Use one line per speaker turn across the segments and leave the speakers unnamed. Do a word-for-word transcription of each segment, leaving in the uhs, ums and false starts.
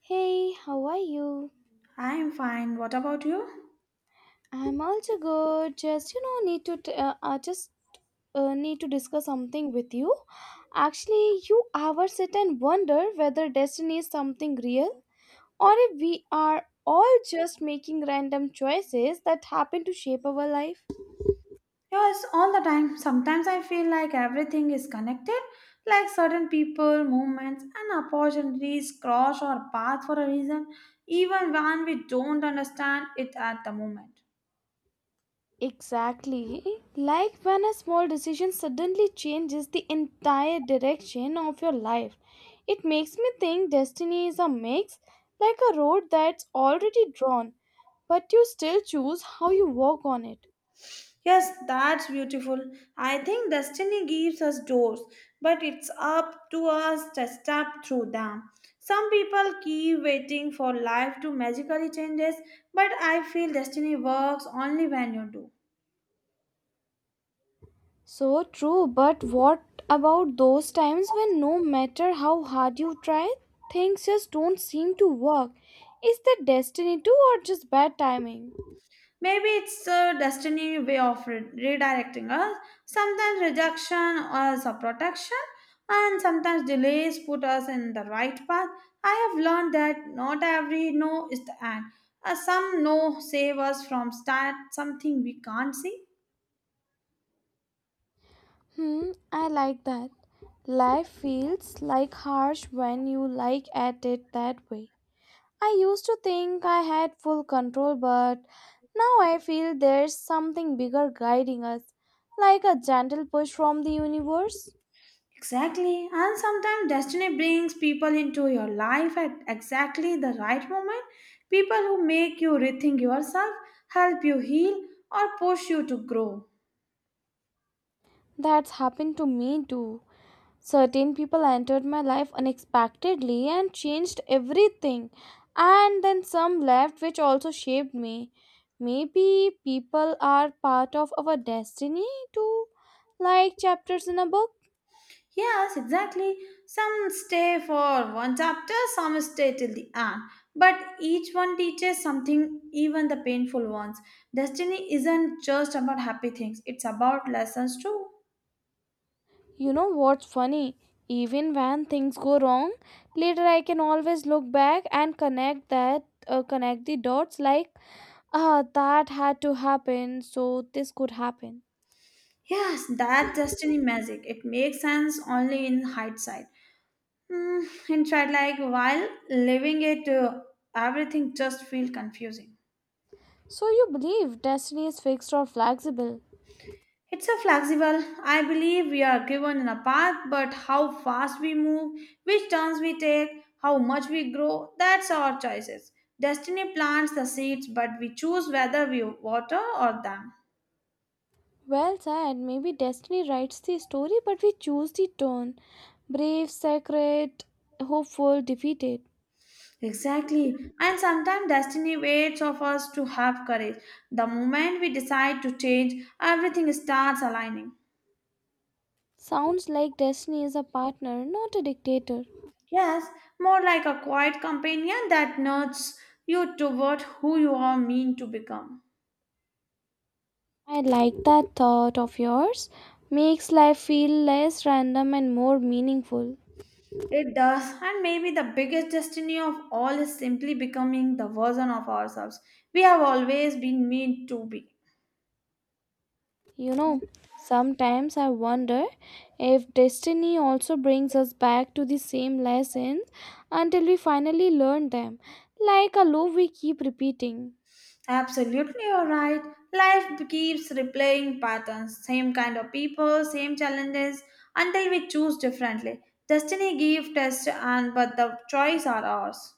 Hey, how are you?
I am fine. What about you?
I'm also good. Just you know, need to t- uh, I just uh, need to discuss something with you. Actually, you ever sit and wonder whether destiny is something real or if we are all just making random choices that happen to shape our life?
Yes, all the time. Sometimes I feel like everything is connected, like certain people, movements, and opportunities cross our path for a reason, even when we don't understand it at the moment.
Exactly. Like when a small decision suddenly changes the entire direction of your life. It makes me think destiny is a mix, like a road that's already drawn, but you still choose how you walk on it.
Yes, that's beautiful. I think destiny gives us doors, but it's up to us to step through them. Some people keep waiting for life to magically changes, but I feel destiny works only when you do.
So true, but what about those times when no matter how hard you try, things just don't seem to work? Is that destiny too, or just bad timing?
Maybe it's a destiny way of re- redirecting us. Sometimes rejection is a protection, and sometimes delays put us in the right path. I have learned that not every no is the end. Uh, some no save us from start something we can't see.
Hmm, I like that. Life feels like harsh when you like at it that way. I used to think I had full control, but now I feel there's something bigger guiding us, like a gentle push from the universe.
Exactly, and sometimes destiny brings people into your life at exactly the right moment. People who make you rethink yourself, help you heal, or push you to grow.
That's happened to me too. Certain people entered my life unexpectedly and changed everything, and then some left, which also shaped me. Maybe people are part of our destiny too, like chapters in a book.
Yes, exactly. Some stay for one chapter, some stay till the end. But each one teaches something, even the painful ones. Destiny isn't just about happy things, it's about lessons too.
You know what's funny? Even when things go wrong, later I can always look back and connect that, uh, connect the dots like, ah, that had to happen, so this could happen.
Yes, that destiny magic. It makes sense only in hindsight. Mm, in fact, like while living it, uh, everything just feel confusing.
So you believe destiny is fixed or flexible?
It's a flexible. I believe we are given in a path, but how fast we move, which turns we take, how much we grow, that's our choices. Destiny plants the seeds, but we choose whether we water or them.
Well said, maybe destiny writes the story, but we choose the tone. Brave, sacred, hopeful, defeated.
Exactly. And sometimes destiny waits of us to have courage. The moment we decide to change, everything starts aligning.
Sounds like destiny is a partner, not a dictator.
Yes, more like a quiet companion that nudges you toward who you are meant to become.
I like that thought of yours. Makes life feel less random and more meaningful.
It does, and maybe the biggest destiny of all is simply becoming the version of ourselves we have always been meant to be.
You know, sometimes I wonder if destiny also brings us back to the same lessons until we finally learn them, like a loop we keep repeating.
Absolutely, you're right. Life keeps replaying patterns, same kind of people, same challenges, until we choose differently. Destiny gives test, and but the choice are ours.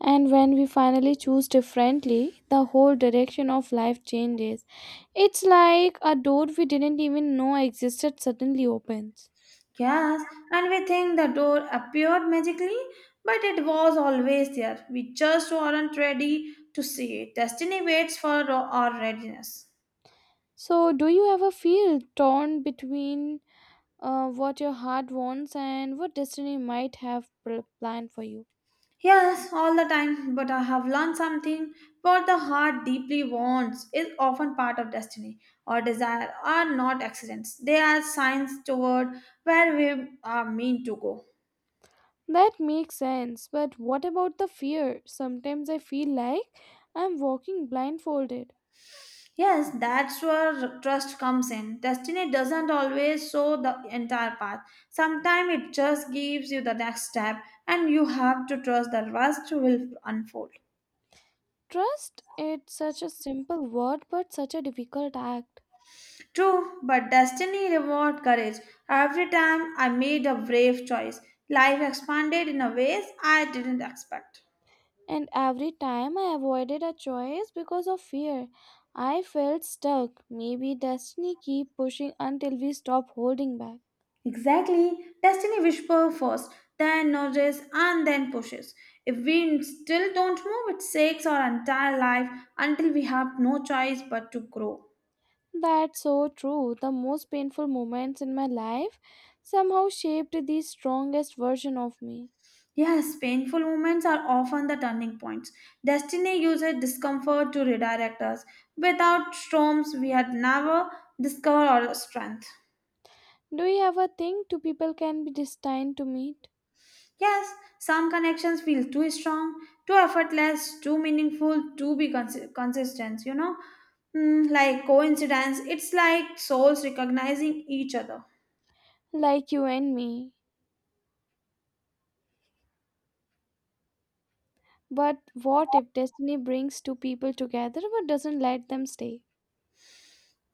And when we finally choose differently, the whole direction of life changes. It's like a door we didn't even know existed suddenly opens.
Yes, and we think the door appeared magically, but it was always there. We just weren't ready to see it. Destiny waits for our readiness.
So, do you ever feel torn between uh, what your heart wants and what destiny might have pl- planned for you?
Yes, all the time, but I have learned something. What the heart deeply wants is often part of destiny or desire are not accidents. They are signs toward where we are meant to go.
That makes sense, but what about the fear? Sometimes I feel like I'm walking blindfolded.
Yes, that's where trust comes in. Destiny doesn't always show the entire path. Sometimes it just gives you the next step, and you have to trust the rest will unfold.
Trust, it's such a simple word but such a difficult act.
True, but destiny reward courage. Every time I made a brave choice, life expanded in a ways I didn't expect.
And every time I avoided a choice because of fear, I felt stuck. Maybe destiny keep pushing until we stop holding back.
Exactly. Destiny whispers first, then nudges, and then pushes. If we still don't move, it shakes our entire life until we have no choice but to grow.
That's so true. The most painful moments in my life somehow shaped the strongest version of me.
Yes, painful moments are often the turning points. Destiny uses discomfort to redirect us. Without storms, we had never discovered our strength.
Do you ever think two people can be destined to meet?
Yes, some connections feel too strong, too effortless, too meaningful, too be cons- consistent, you know? Mm, like coincidence, it's like souls recognizing each other.
Like you and me. But what if destiny brings two people together but doesn't let them stay?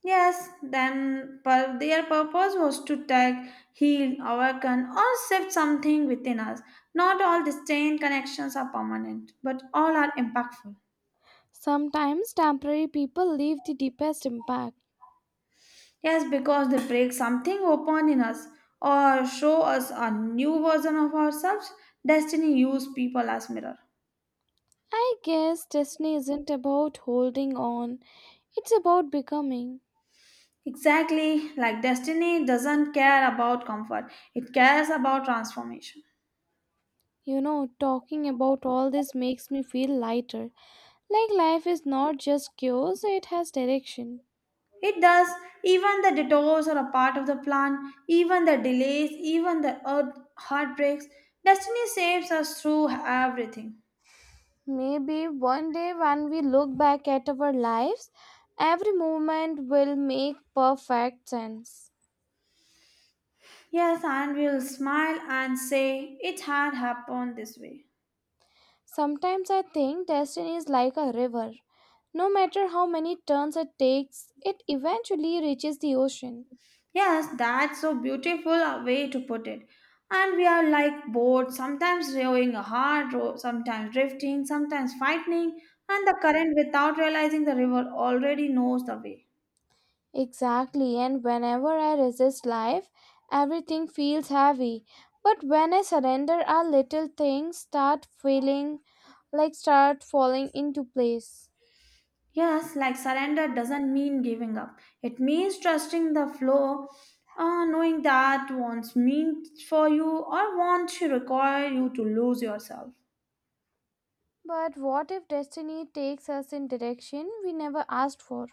Yes, then but their purpose was to tag, heal, awaken, or shift something within us. Not all distant connections are permanent, but all are impactful.
Sometimes temporary people leave the deepest impact.
Yes, because they break something open in us or show us a new version of ourselves, destiny uses people as mirror.
I guess destiny isn't about holding on, it's about becoming.
Exactly, like destiny doesn't care about comfort, it cares about transformation.
You know, talking about all this makes me feel lighter. Like life is not just chaos, it has direction.
It does, even the detours are a part of the plan, even the delays, even the earth heartbreaks. Destiny saves us through everything.
Maybe one day when we look back at our lives, every moment will make perfect sense.
Yes, and we'll smile and say, "It had happened this way."
Sometimes I think destiny is like a river. No matter how many turns it takes, it eventually reaches the ocean.
Yes, that's so beautiful a way to put it. And we are like boats, sometimes rowing a hard row, sometimes drifting, sometimes fighting, and the current without realizing the river already knows the way.
Exactly, and whenever I resist life, everything feels heavy. But when I surrender, our little things start feeling like start falling into place.
Yes, like surrender doesn't mean giving up. It means trusting the flow, uh, knowing that wants means for you or wants to require you to lose yourself.
But what if destiny takes us in direction we never asked for?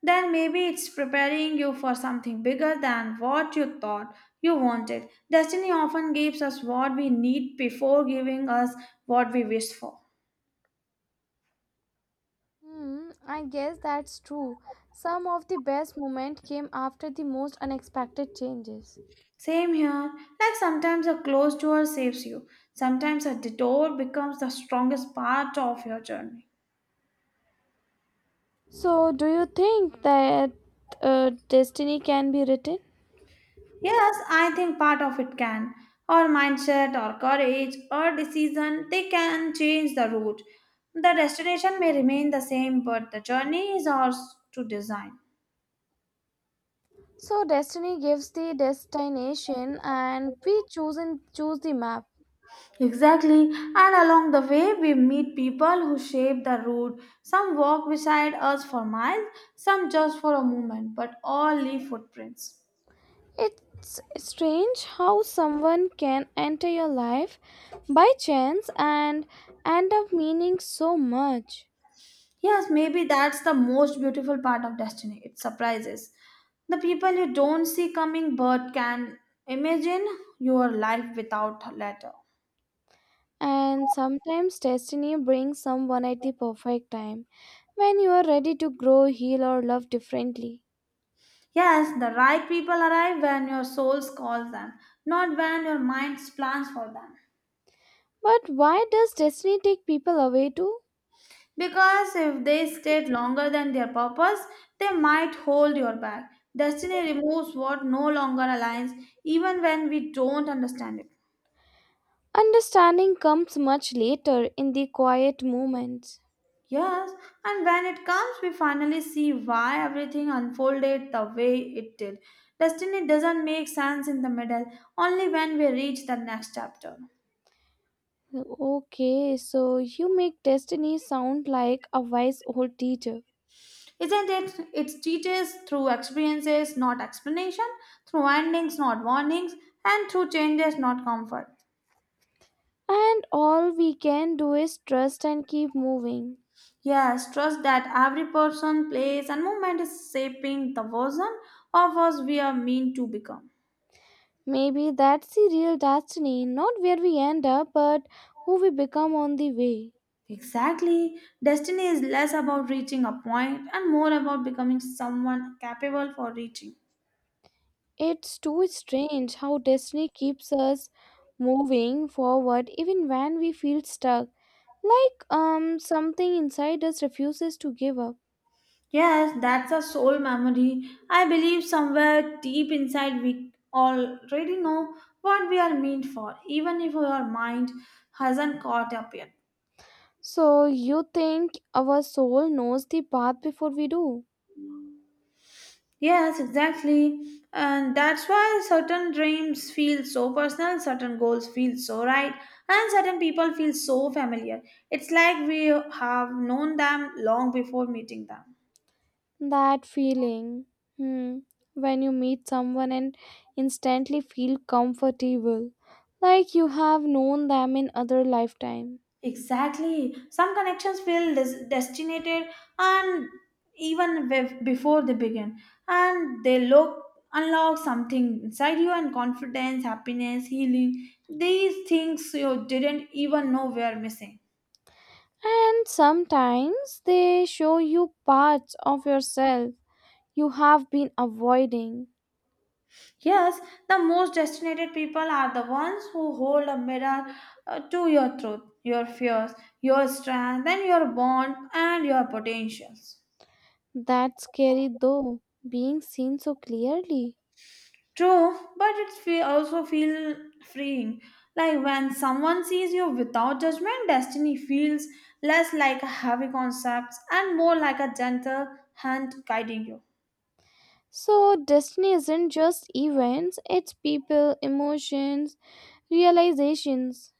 Then maybe it's preparing you for something bigger than what you thought you wanted. Destiny often gives us what we need before giving us what we wish for.
Hmm, I guess that's true. Some of the best moments came after the most unexpected changes.
Same here, like sometimes a closed door saves you, sometimes a detour becomes the strongest part of your journey.
So, do you think that uh, destiny can be written?
Yes, I think part of it can. Or mindset, or courage, or decision, they can change the route. The destination may remain the same, but the journey is ours to design.
So, destiny gives the destination, and we choose and choose the map.
Exactly, and along the way, we meet people who shape the route. Some walk beside us for miles, some just for a moment, but all leave footprints.
It's strange how someone can enter your life by chance and end up meaning so much.
Yes, maybe that's the most beautiful part of destiny. It surprises. The people you don't see coming but can imagine your life without a letter.
And sometimes destiny brings someone at the perfect time when you are ready to grow, heal, or love differently.
Yes, the right people arrive when your soul calls them, not when your mind plans for them.
But why does destiny take people away too?
Because if they stayed longer than their purpose, they might hold your back. Destiny removes what no longer aligns, even when we don't understand it.
Understanding comes much later in the quiet moments.
Yes, and when it comes, we finally see why everything unfolded the way it did. Destiny doesn't make sense in the middle, only when we reach the next chapter.
Okay, so you make destiny sound like a wise old teacher.
Isn't it? It teaches through experiences, not explanation, through endings, not warnings, and through changes, not comfort.
And all we can do is trust and keep moving.
Yes, trust that every person, place, and movement is shaping the version of us we are meant to become.
Maybe that's the real destiny, not where we end up, but who we become on the way.
Exactly. Destiny is less about reaching a point and more about becoming someone capable for reaching.
It's too strange how destiny keeps us moving forward even when we feel stuck. Like um something inside us refuses to give up.
Yes, that's a soul memory. I believe somewhere deep inside we already know what we are meant for, even if our mind hasn't caught up yet.
So you think our soul knows the path before we do?
Yes, exactly. And that's why certain dreams feel so personal, certain goals feel so right, and certain people feel so familiar. It's like we have known them long before meeting them.
That feeling. Hmm. When you meet someone and instantly feel comfortable. Like you have known them in other lifetime.
Exactly. Some connections feel des- destinated and even bef- before they begin. And they look unlock something inside you and confidence, happiness, healing. These things you didn't even know were missing.
And sometimes they show you parts of yourself you have been avoiding.
Yes, the most destinated people are the ones who hold a mirror uh, to your truth, your fears, your strength, and your bond and your potentials.
That's scary though, being seen so clearly.
True, but it fe- also feel freeing. Like when someone sees you without judgment, destiny feels less like a heavy concept and more like a gentle hand guiding you.
So, destiny isn't just events, it's people, emotions, realizations.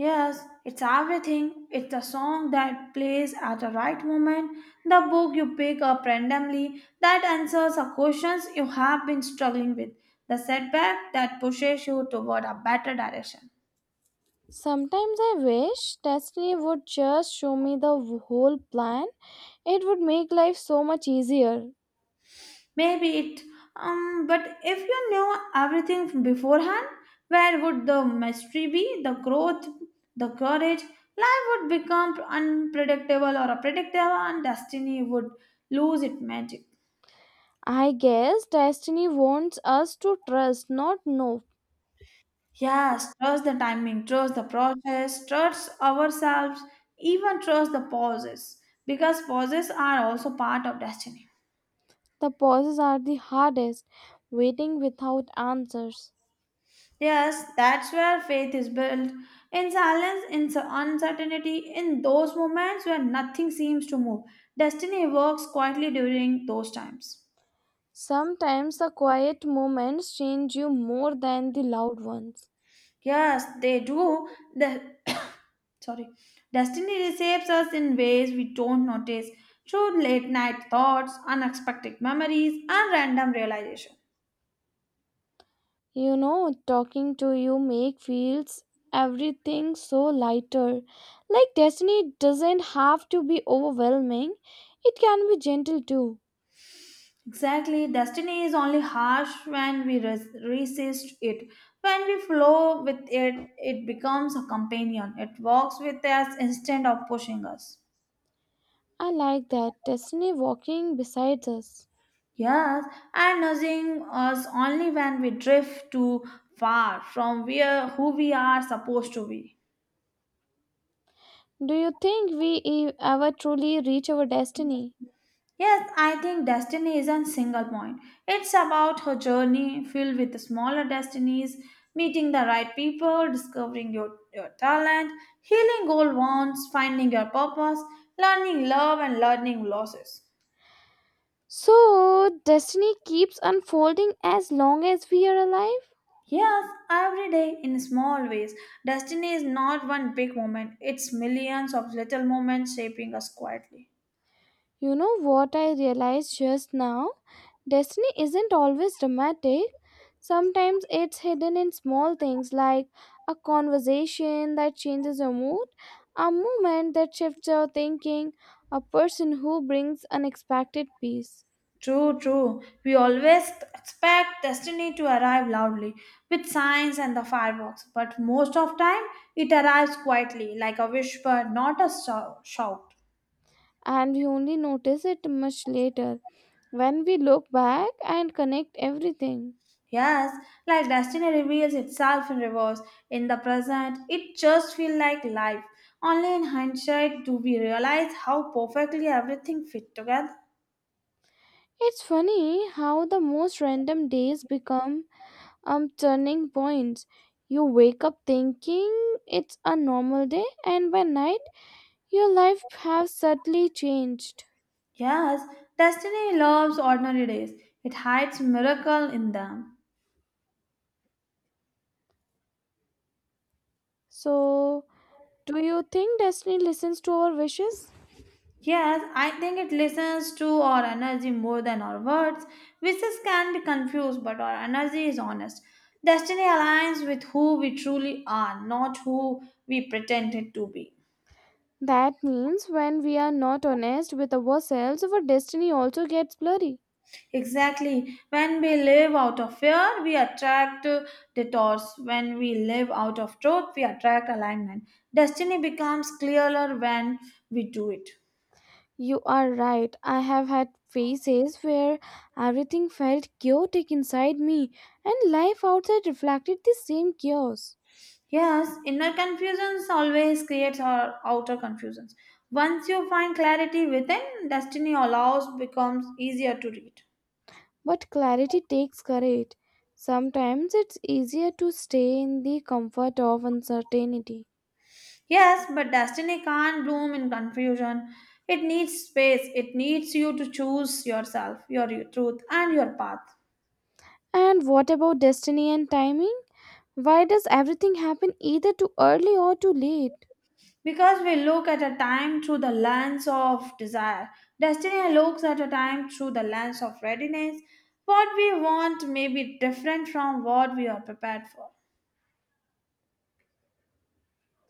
Yes, it's everything. It's the song that plays at the right moment, the book you pick up randomly that answers the questions you have been struggling with, the setback that pushes you toward a better direction.
Sometimes I wish destiny would just show me the whole plan. It would make life so much easier.
Maybe it, um, but if you knew everything beforehand, where would the mystery be, the growth, the courage? Life would become unpredictable or a predictable, and destiny would lose its magic.
I guess destiny wants us to trust, not know.
Yes, trust the timing, trust the process, trust ourselves, even trust the pauses, because pauses are also part of destiny.
The pauses are the hardest, waiting without answers.
Yes, that's where faith is built. In silence, in s- uncertainty, in those moments where nothing seems to move, destiny works quietly during those times.
Sometimes the quiet moments change you more than the loud ones.
Yes, they do. Sorry. Destiny receives us in ways we don't notice through late night thoughts, unexpected memories, and random realization.
You know, talking to you make feels everything so lighter. Like destiny doesn't have to be overwhelming. It can be gentle too.
Exactly, destiny is only harsh when we res- resist it. When we flow with it, it becomes a companion. It walks with us instead of pushing us.
I like that destiny walking beside us.
Yes, and nudging us only when we drift too far from where who we are supposed to be.
Do you think we e- ever truly reach our destiny?
Yes, I think destiny isn't single point. It's about her journey filled with smaller destinies, meeting the right people, discovering your, your talent, healing old wounds, finding your purpose, learning love and learning losses.
So, destiny keeps unfolding as long as we are alive.
Yes, every day in small ways. Destiny is not one big moment, it's millions of little moments shaping us quietly.
You know what I realized just now? Destiny isn't always dramatic. Sometimes it's hidden in small things like a conversation that changes your mood, a moment that shifts your thinking, a person who brings unexpected peace.
True, true. We always expect destiny to arrive loudly with signs and the fireworks, but most of time it arrives quietly, like a whisper, not a shou- shout.
And we only notice it much later when we look back and connect everything.
Yes, like destiny reveals itself in reverse. In the present, it just feels like life. Only in hindsight do we realize how perfectly everything fit together.
It's funny how the most random days become um turning points. You wake up thinking it's a normal day, and by night your life has certainly changed.
Yes, destiny loves ordinary days. It hides miracle in them.
So, do you think destiny listens to our wishes?
Yes, I think it listens to our energy more than our words. Wishes can be confused, but our energy is honest. Destiny aligns with who we truly are, not who we pretended to be.
That means when we are not honest with ourselves, our destiny also gets blurry.
Exactly. When we live out of fear, we attract uh, detours. When we live out of truth, we attract alignment. Destiny becomes clearer when we do it.
You are right. I have had phases where everything felt chaotic inside me and life outside reflected the same chaos.
Yes, inner confusions always creates our outer confusions. Once you find clarity within, destiny allows becomes easier to read.
But clarity takes courage. Sometimes it's easier to stay in the comfort of uncertainty.
Yes, but destiny can't bloom in confusion. It needs space. It needs you to choose yourself, your truth, and your path.
And what about destiny and timing? Why does everything happen either too early or too late?
Because we look at a time through the lens of desire. Destiny looks at a time through the lens of readiness. What we want may be different from what we are prepared for.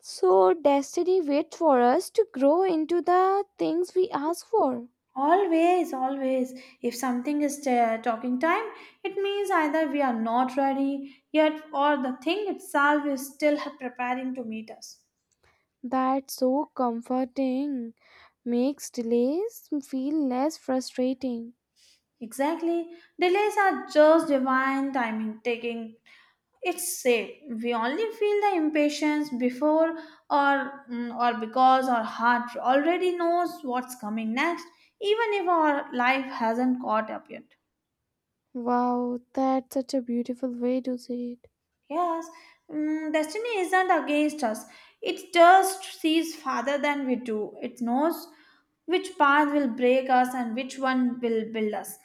So, destiny waits for us to grow into the things we ask for.
Always, always. If something is ta- talking time, it means either we are not ready yet or the thing itself is still ha- preparing to meet us.
That's so comforting. Makes delays feel less frustrating.
Exactly. Delays are just divine timing taking. It's safe. We only feel the impatience before or mm, or because our heart already knows what's coming next, even if our life hasn't caught up yet.
Wow, that's such a beautiful way to say it.
Yes, mm, destiny isn't against us. It just sees farther than we do. It knows which path will break us and which one will build us.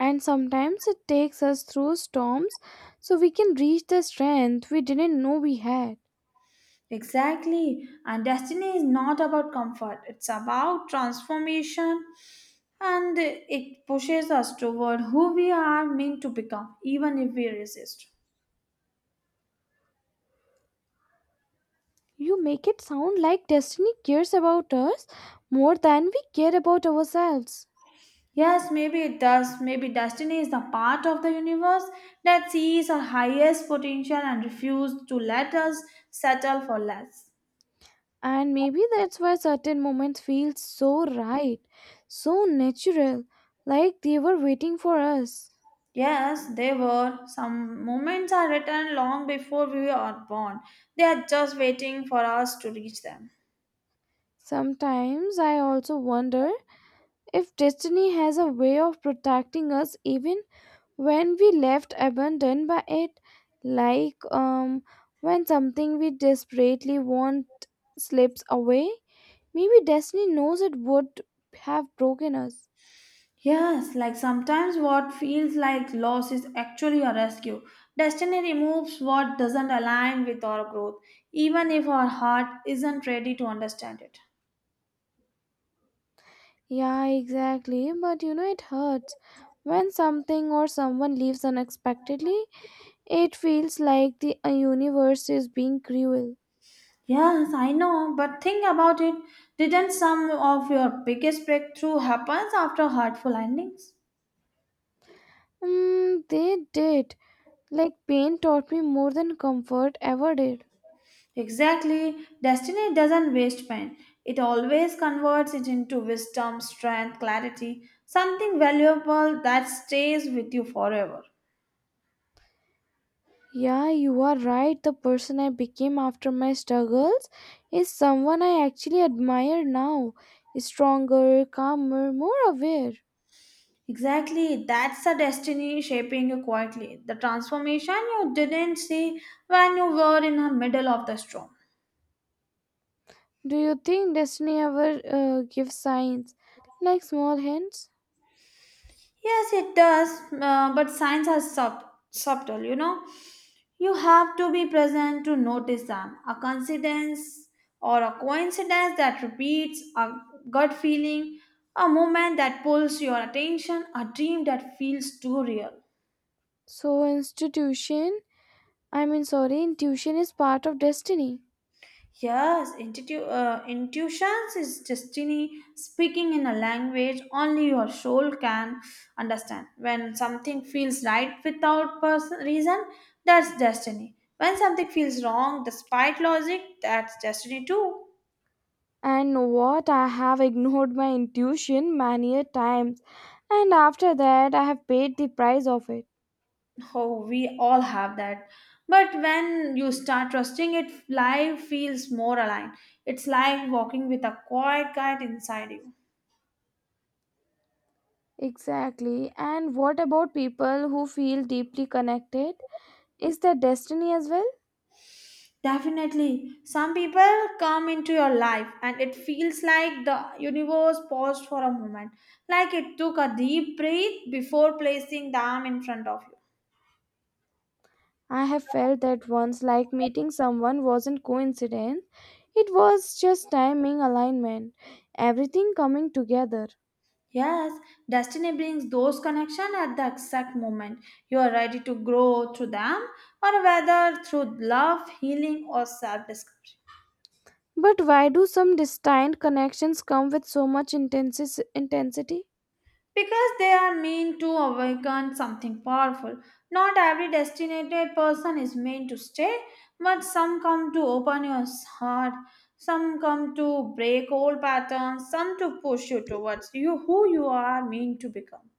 And sometimes it takes us through storms so we can reach the strength we didn't know we had.
Exactly. And destiny is not about comfort, it's about transformation and it pushes us toward who we are meant to become, even if we resist.
You make it sound like destiny cares about us more than we care about ourselves.
Yes, maybe it does. Maybe destiny is the part of the universe that sees our highest potential and refuses to let us settle for less.
And maybe that's why certain moments feel so right, so natural, like they were waiting for us.
Yes, they were. Some moments are written long before we are born. They are just waiting for us to reach them.
Sometimes I also wonder if destiny has a way of protecting us even when we left abandoned by it, like um when something we desperately want slips away, maybe destiny knows it would have broken us.
Yes, like sometimes what feels like loss is actually a rescue. Destiny removes what doesn't align with our growth, even if our heart isn't ready to understand it.
Yeah, exactly. But you know, it hurts. When something or someone leaves unexpectedly, it feels like the uh, universe is being cruel.
Yes, I know, but think about it. Didn't some of your biggest breakthrough happens after hurtful endings?
Mm, they did. Like, pain taught me more than comfort ever did.
Exactly. Destiny doesn't waste pain. It always converts it into wisdom, strength, clarity, something valuable that stays with you forever.
Yeah, you are right. The person I became after my struggles is someone I actually admire now. Stronger, calmer, more aware.
Exactly. That's the destiny shaping you quietly. The transformation you didn't see when you were in the middle of the storm.
Do you think destiny ever uh, gives signs? Like small hints?
Yes, it does, uh, but signs are sub- subtle, you know you have to be present to notice them. A coincidence or a coincidence that repeats, a gut feeling, a moment that pulls your attention, a dream that feels too real.
So institution, I mean sorry, intuition is part of destiny.
Yes, intuitu- uh, intuitions is destiny speaking in a language only your soul can understand. When something feels right without person reason, that's destiny. When something feels wrong despite logic, that's destiny too.
And know what I have ignored my intuition many a times, and after that I have paid the price of it.
Oh, we all have that. But when you start trusting it, life feels more aligned. It's like walking with a quiet guide inside you.
Exactly. And what about people who feel deeply connected? Is that destiny as well?
Definitely. Some people come into your life and it feels like the universe paused for a moment, like it took a deep breath before placing them in front of
I have felt
you.
that once, like meeting someone wasn't coincidence, it was just timing alignment, everything coming together.
Yes, destiny brings those connections at the exact moment you are ready to grow through them, or whether through love, healing, or self discovery.
But why do some distant connections come with so much intensis- intensity
Because they are meant to awaken something powerful. Not every destinated person is meant to stay, but some come to open your heart, some come to break old patterns, some to push you towards you who you are meant to become.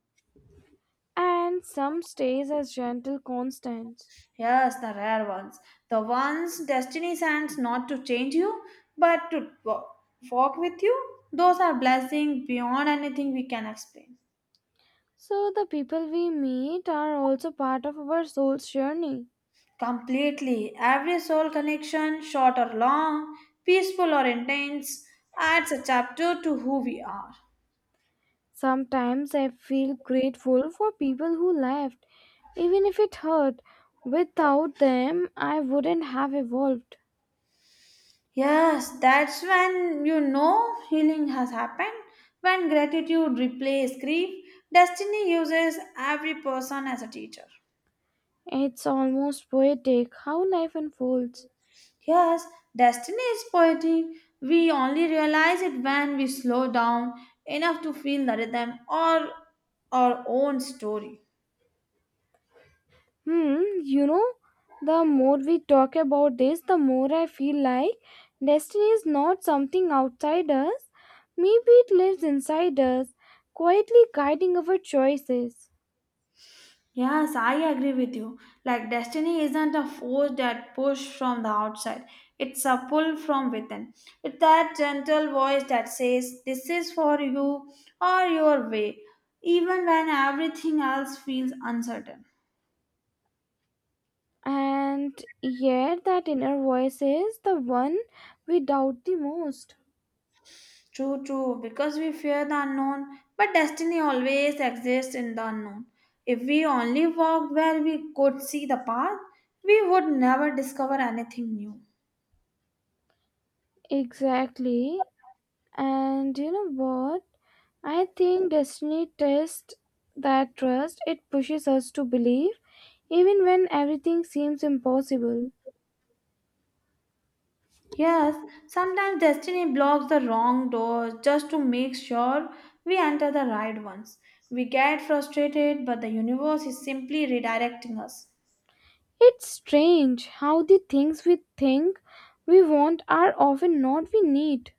and some stays as gentle constants?
Yes, the rare ones. The ones destiny sends not to change you, but to wo- walk with you. Those are blessings beyond anything we can explain.
So the people we meet are also part of our soul's journey.
Completely. Every soul connection, short or long, peaceful or intense, adds a chapter to who we are.
Sometimes I feel grateful for people who left, even if it hurt. Without them, I wouldn't have evolved.
Yes, that's when you know healing has happened. When gratitude replaces grief, destiny uses every person as a teacher.
It's almost poetic how life unfolds.
Yes, destiny is poetic. We only realize it when we slow down enough to feel the rhythm or our own story.
Hmm, you know, the more we talk about this, the more I feel like destiny is not something outside us. Maybe it lives inside us, quietly guiding our choices.
Yes, I agree with you. Like destiny isn't a force that push from the outside. It's a pull from within. It's that gentle voice that says, "This is for you or your way," even when everything else feels uncertain.
And yet, that inner voice is the one we doubt the most.
True, true, because we fear the unknown, but destiny always exists in the unknown. If we only walked where we could see the path, we would never discover anything new.
Exactly. And you know what? I think destiny tests that trust. It pushes us to believe, even when everything seems impossible.
Yes, sometimes destiny blocks the wrong doors just to make sure we enter the right ones. We get frustrated, but the universe is simply redirecting us.
It's strange how the things we think we want are often not we need.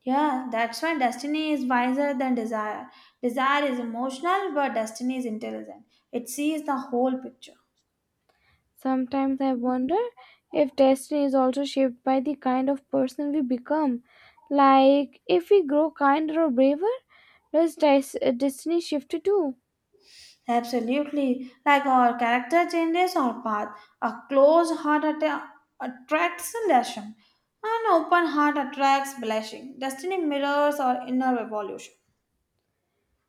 Yeah, that's why destiny is wiser than desire. Desire is emotional, but destiny is intelligent. It sees the whole picture.
Sometimes I wonder if destiny is also shaped by the kind of person we become. Like, if we grow kinder or braver, does des- destiny shift too?
Absolutely. Like our character changes our path. A closed heart atta- attracts elation. An open heart attracts blessing. Destiny mirrors our inner evolution.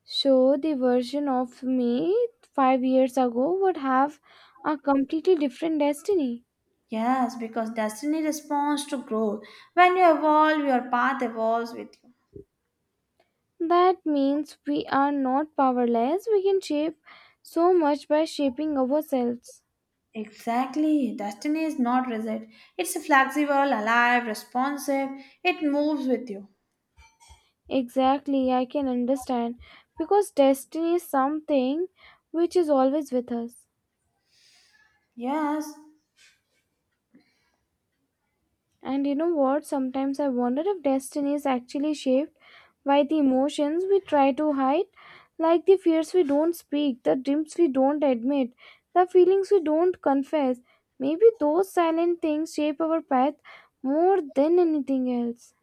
So, the version of me five years ago would have a completely different destiny.
Yes, because destiny responds to growth. When you evolve, your path evolves with you.
That means we are not powerless, we can shape so much by shaping ourselves.
Exactly. Destiny is not rigid. It's flexible, alive, responsive. It moves with you.
Exactly, I can understand. Because destiny is something which is always with us.
Yes.
And you know what? Sometimes I wonder if destiny is actually shaped by the emotions we try to hide, like the fears we don't speak, the dreams we don't admit, the feelings we don't confess. Maybe those silent things shape our path more than anything else.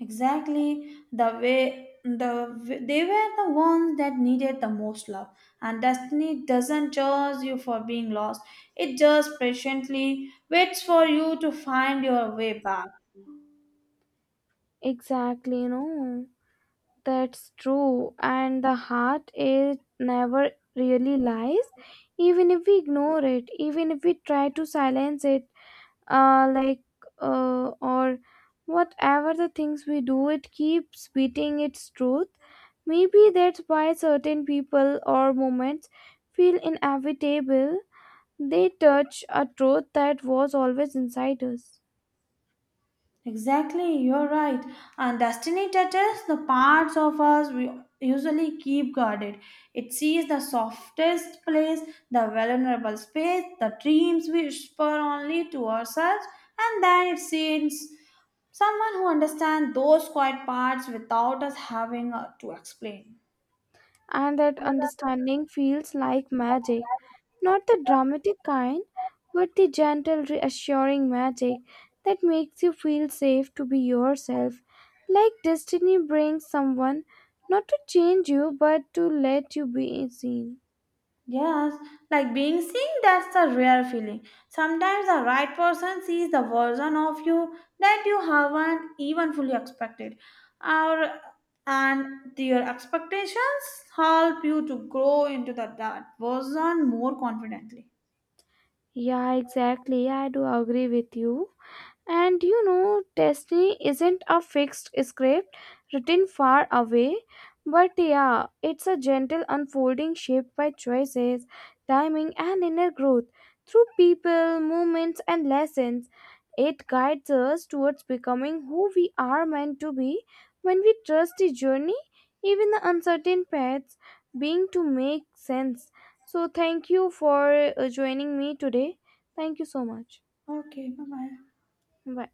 Exactly the way the w- they were the ones that needed the most love, and destiny doesn't judge you for being lost. It just patiently waits for you to find your way back.
Exactly, you know. That's true, and the heart is never really lies, even if we ignore it, even if we try to silence it, uh, like uh, or whatever the things we do, it keeps beating its truth. Maybe that's why certain people or moments feel inevitable. They touch a truth that was always inside us,
Exactly, you're right. And destiny touches the parts of us we usually keep guarded. It sees the softest place, the vulnerable space, the dreams we whisper only to ourselves, and then it sends someone who understands those quiet parts without us having uh, to explain.
and that understanding feels like magic. Not the dramatic kind, but the gentle, reassuring magic that makes you feel safe to be yourself. Like destiny brings someone not to change you, but to let you be seen.
Yes, like being seen, that's the rare feeling. Sometimes the right person sees the version of you that you haven't even fully expected. Our, and their expectations help you to grow into the, that version more confidently.
Yeah, exactly. I do agree with you. And you know, destiny isn't a fixed script written far away, but yeah, it's a gentle unfolding shaped by choices, timing, and inner growth through people, moments, and lessons. It guides us towards becoming who we are meant to be when we trust the journey, even the uncertain paths, being to make sense. So, thank you for uh, joining me today. Thank you so much.
Okay, bye bye.
Bye.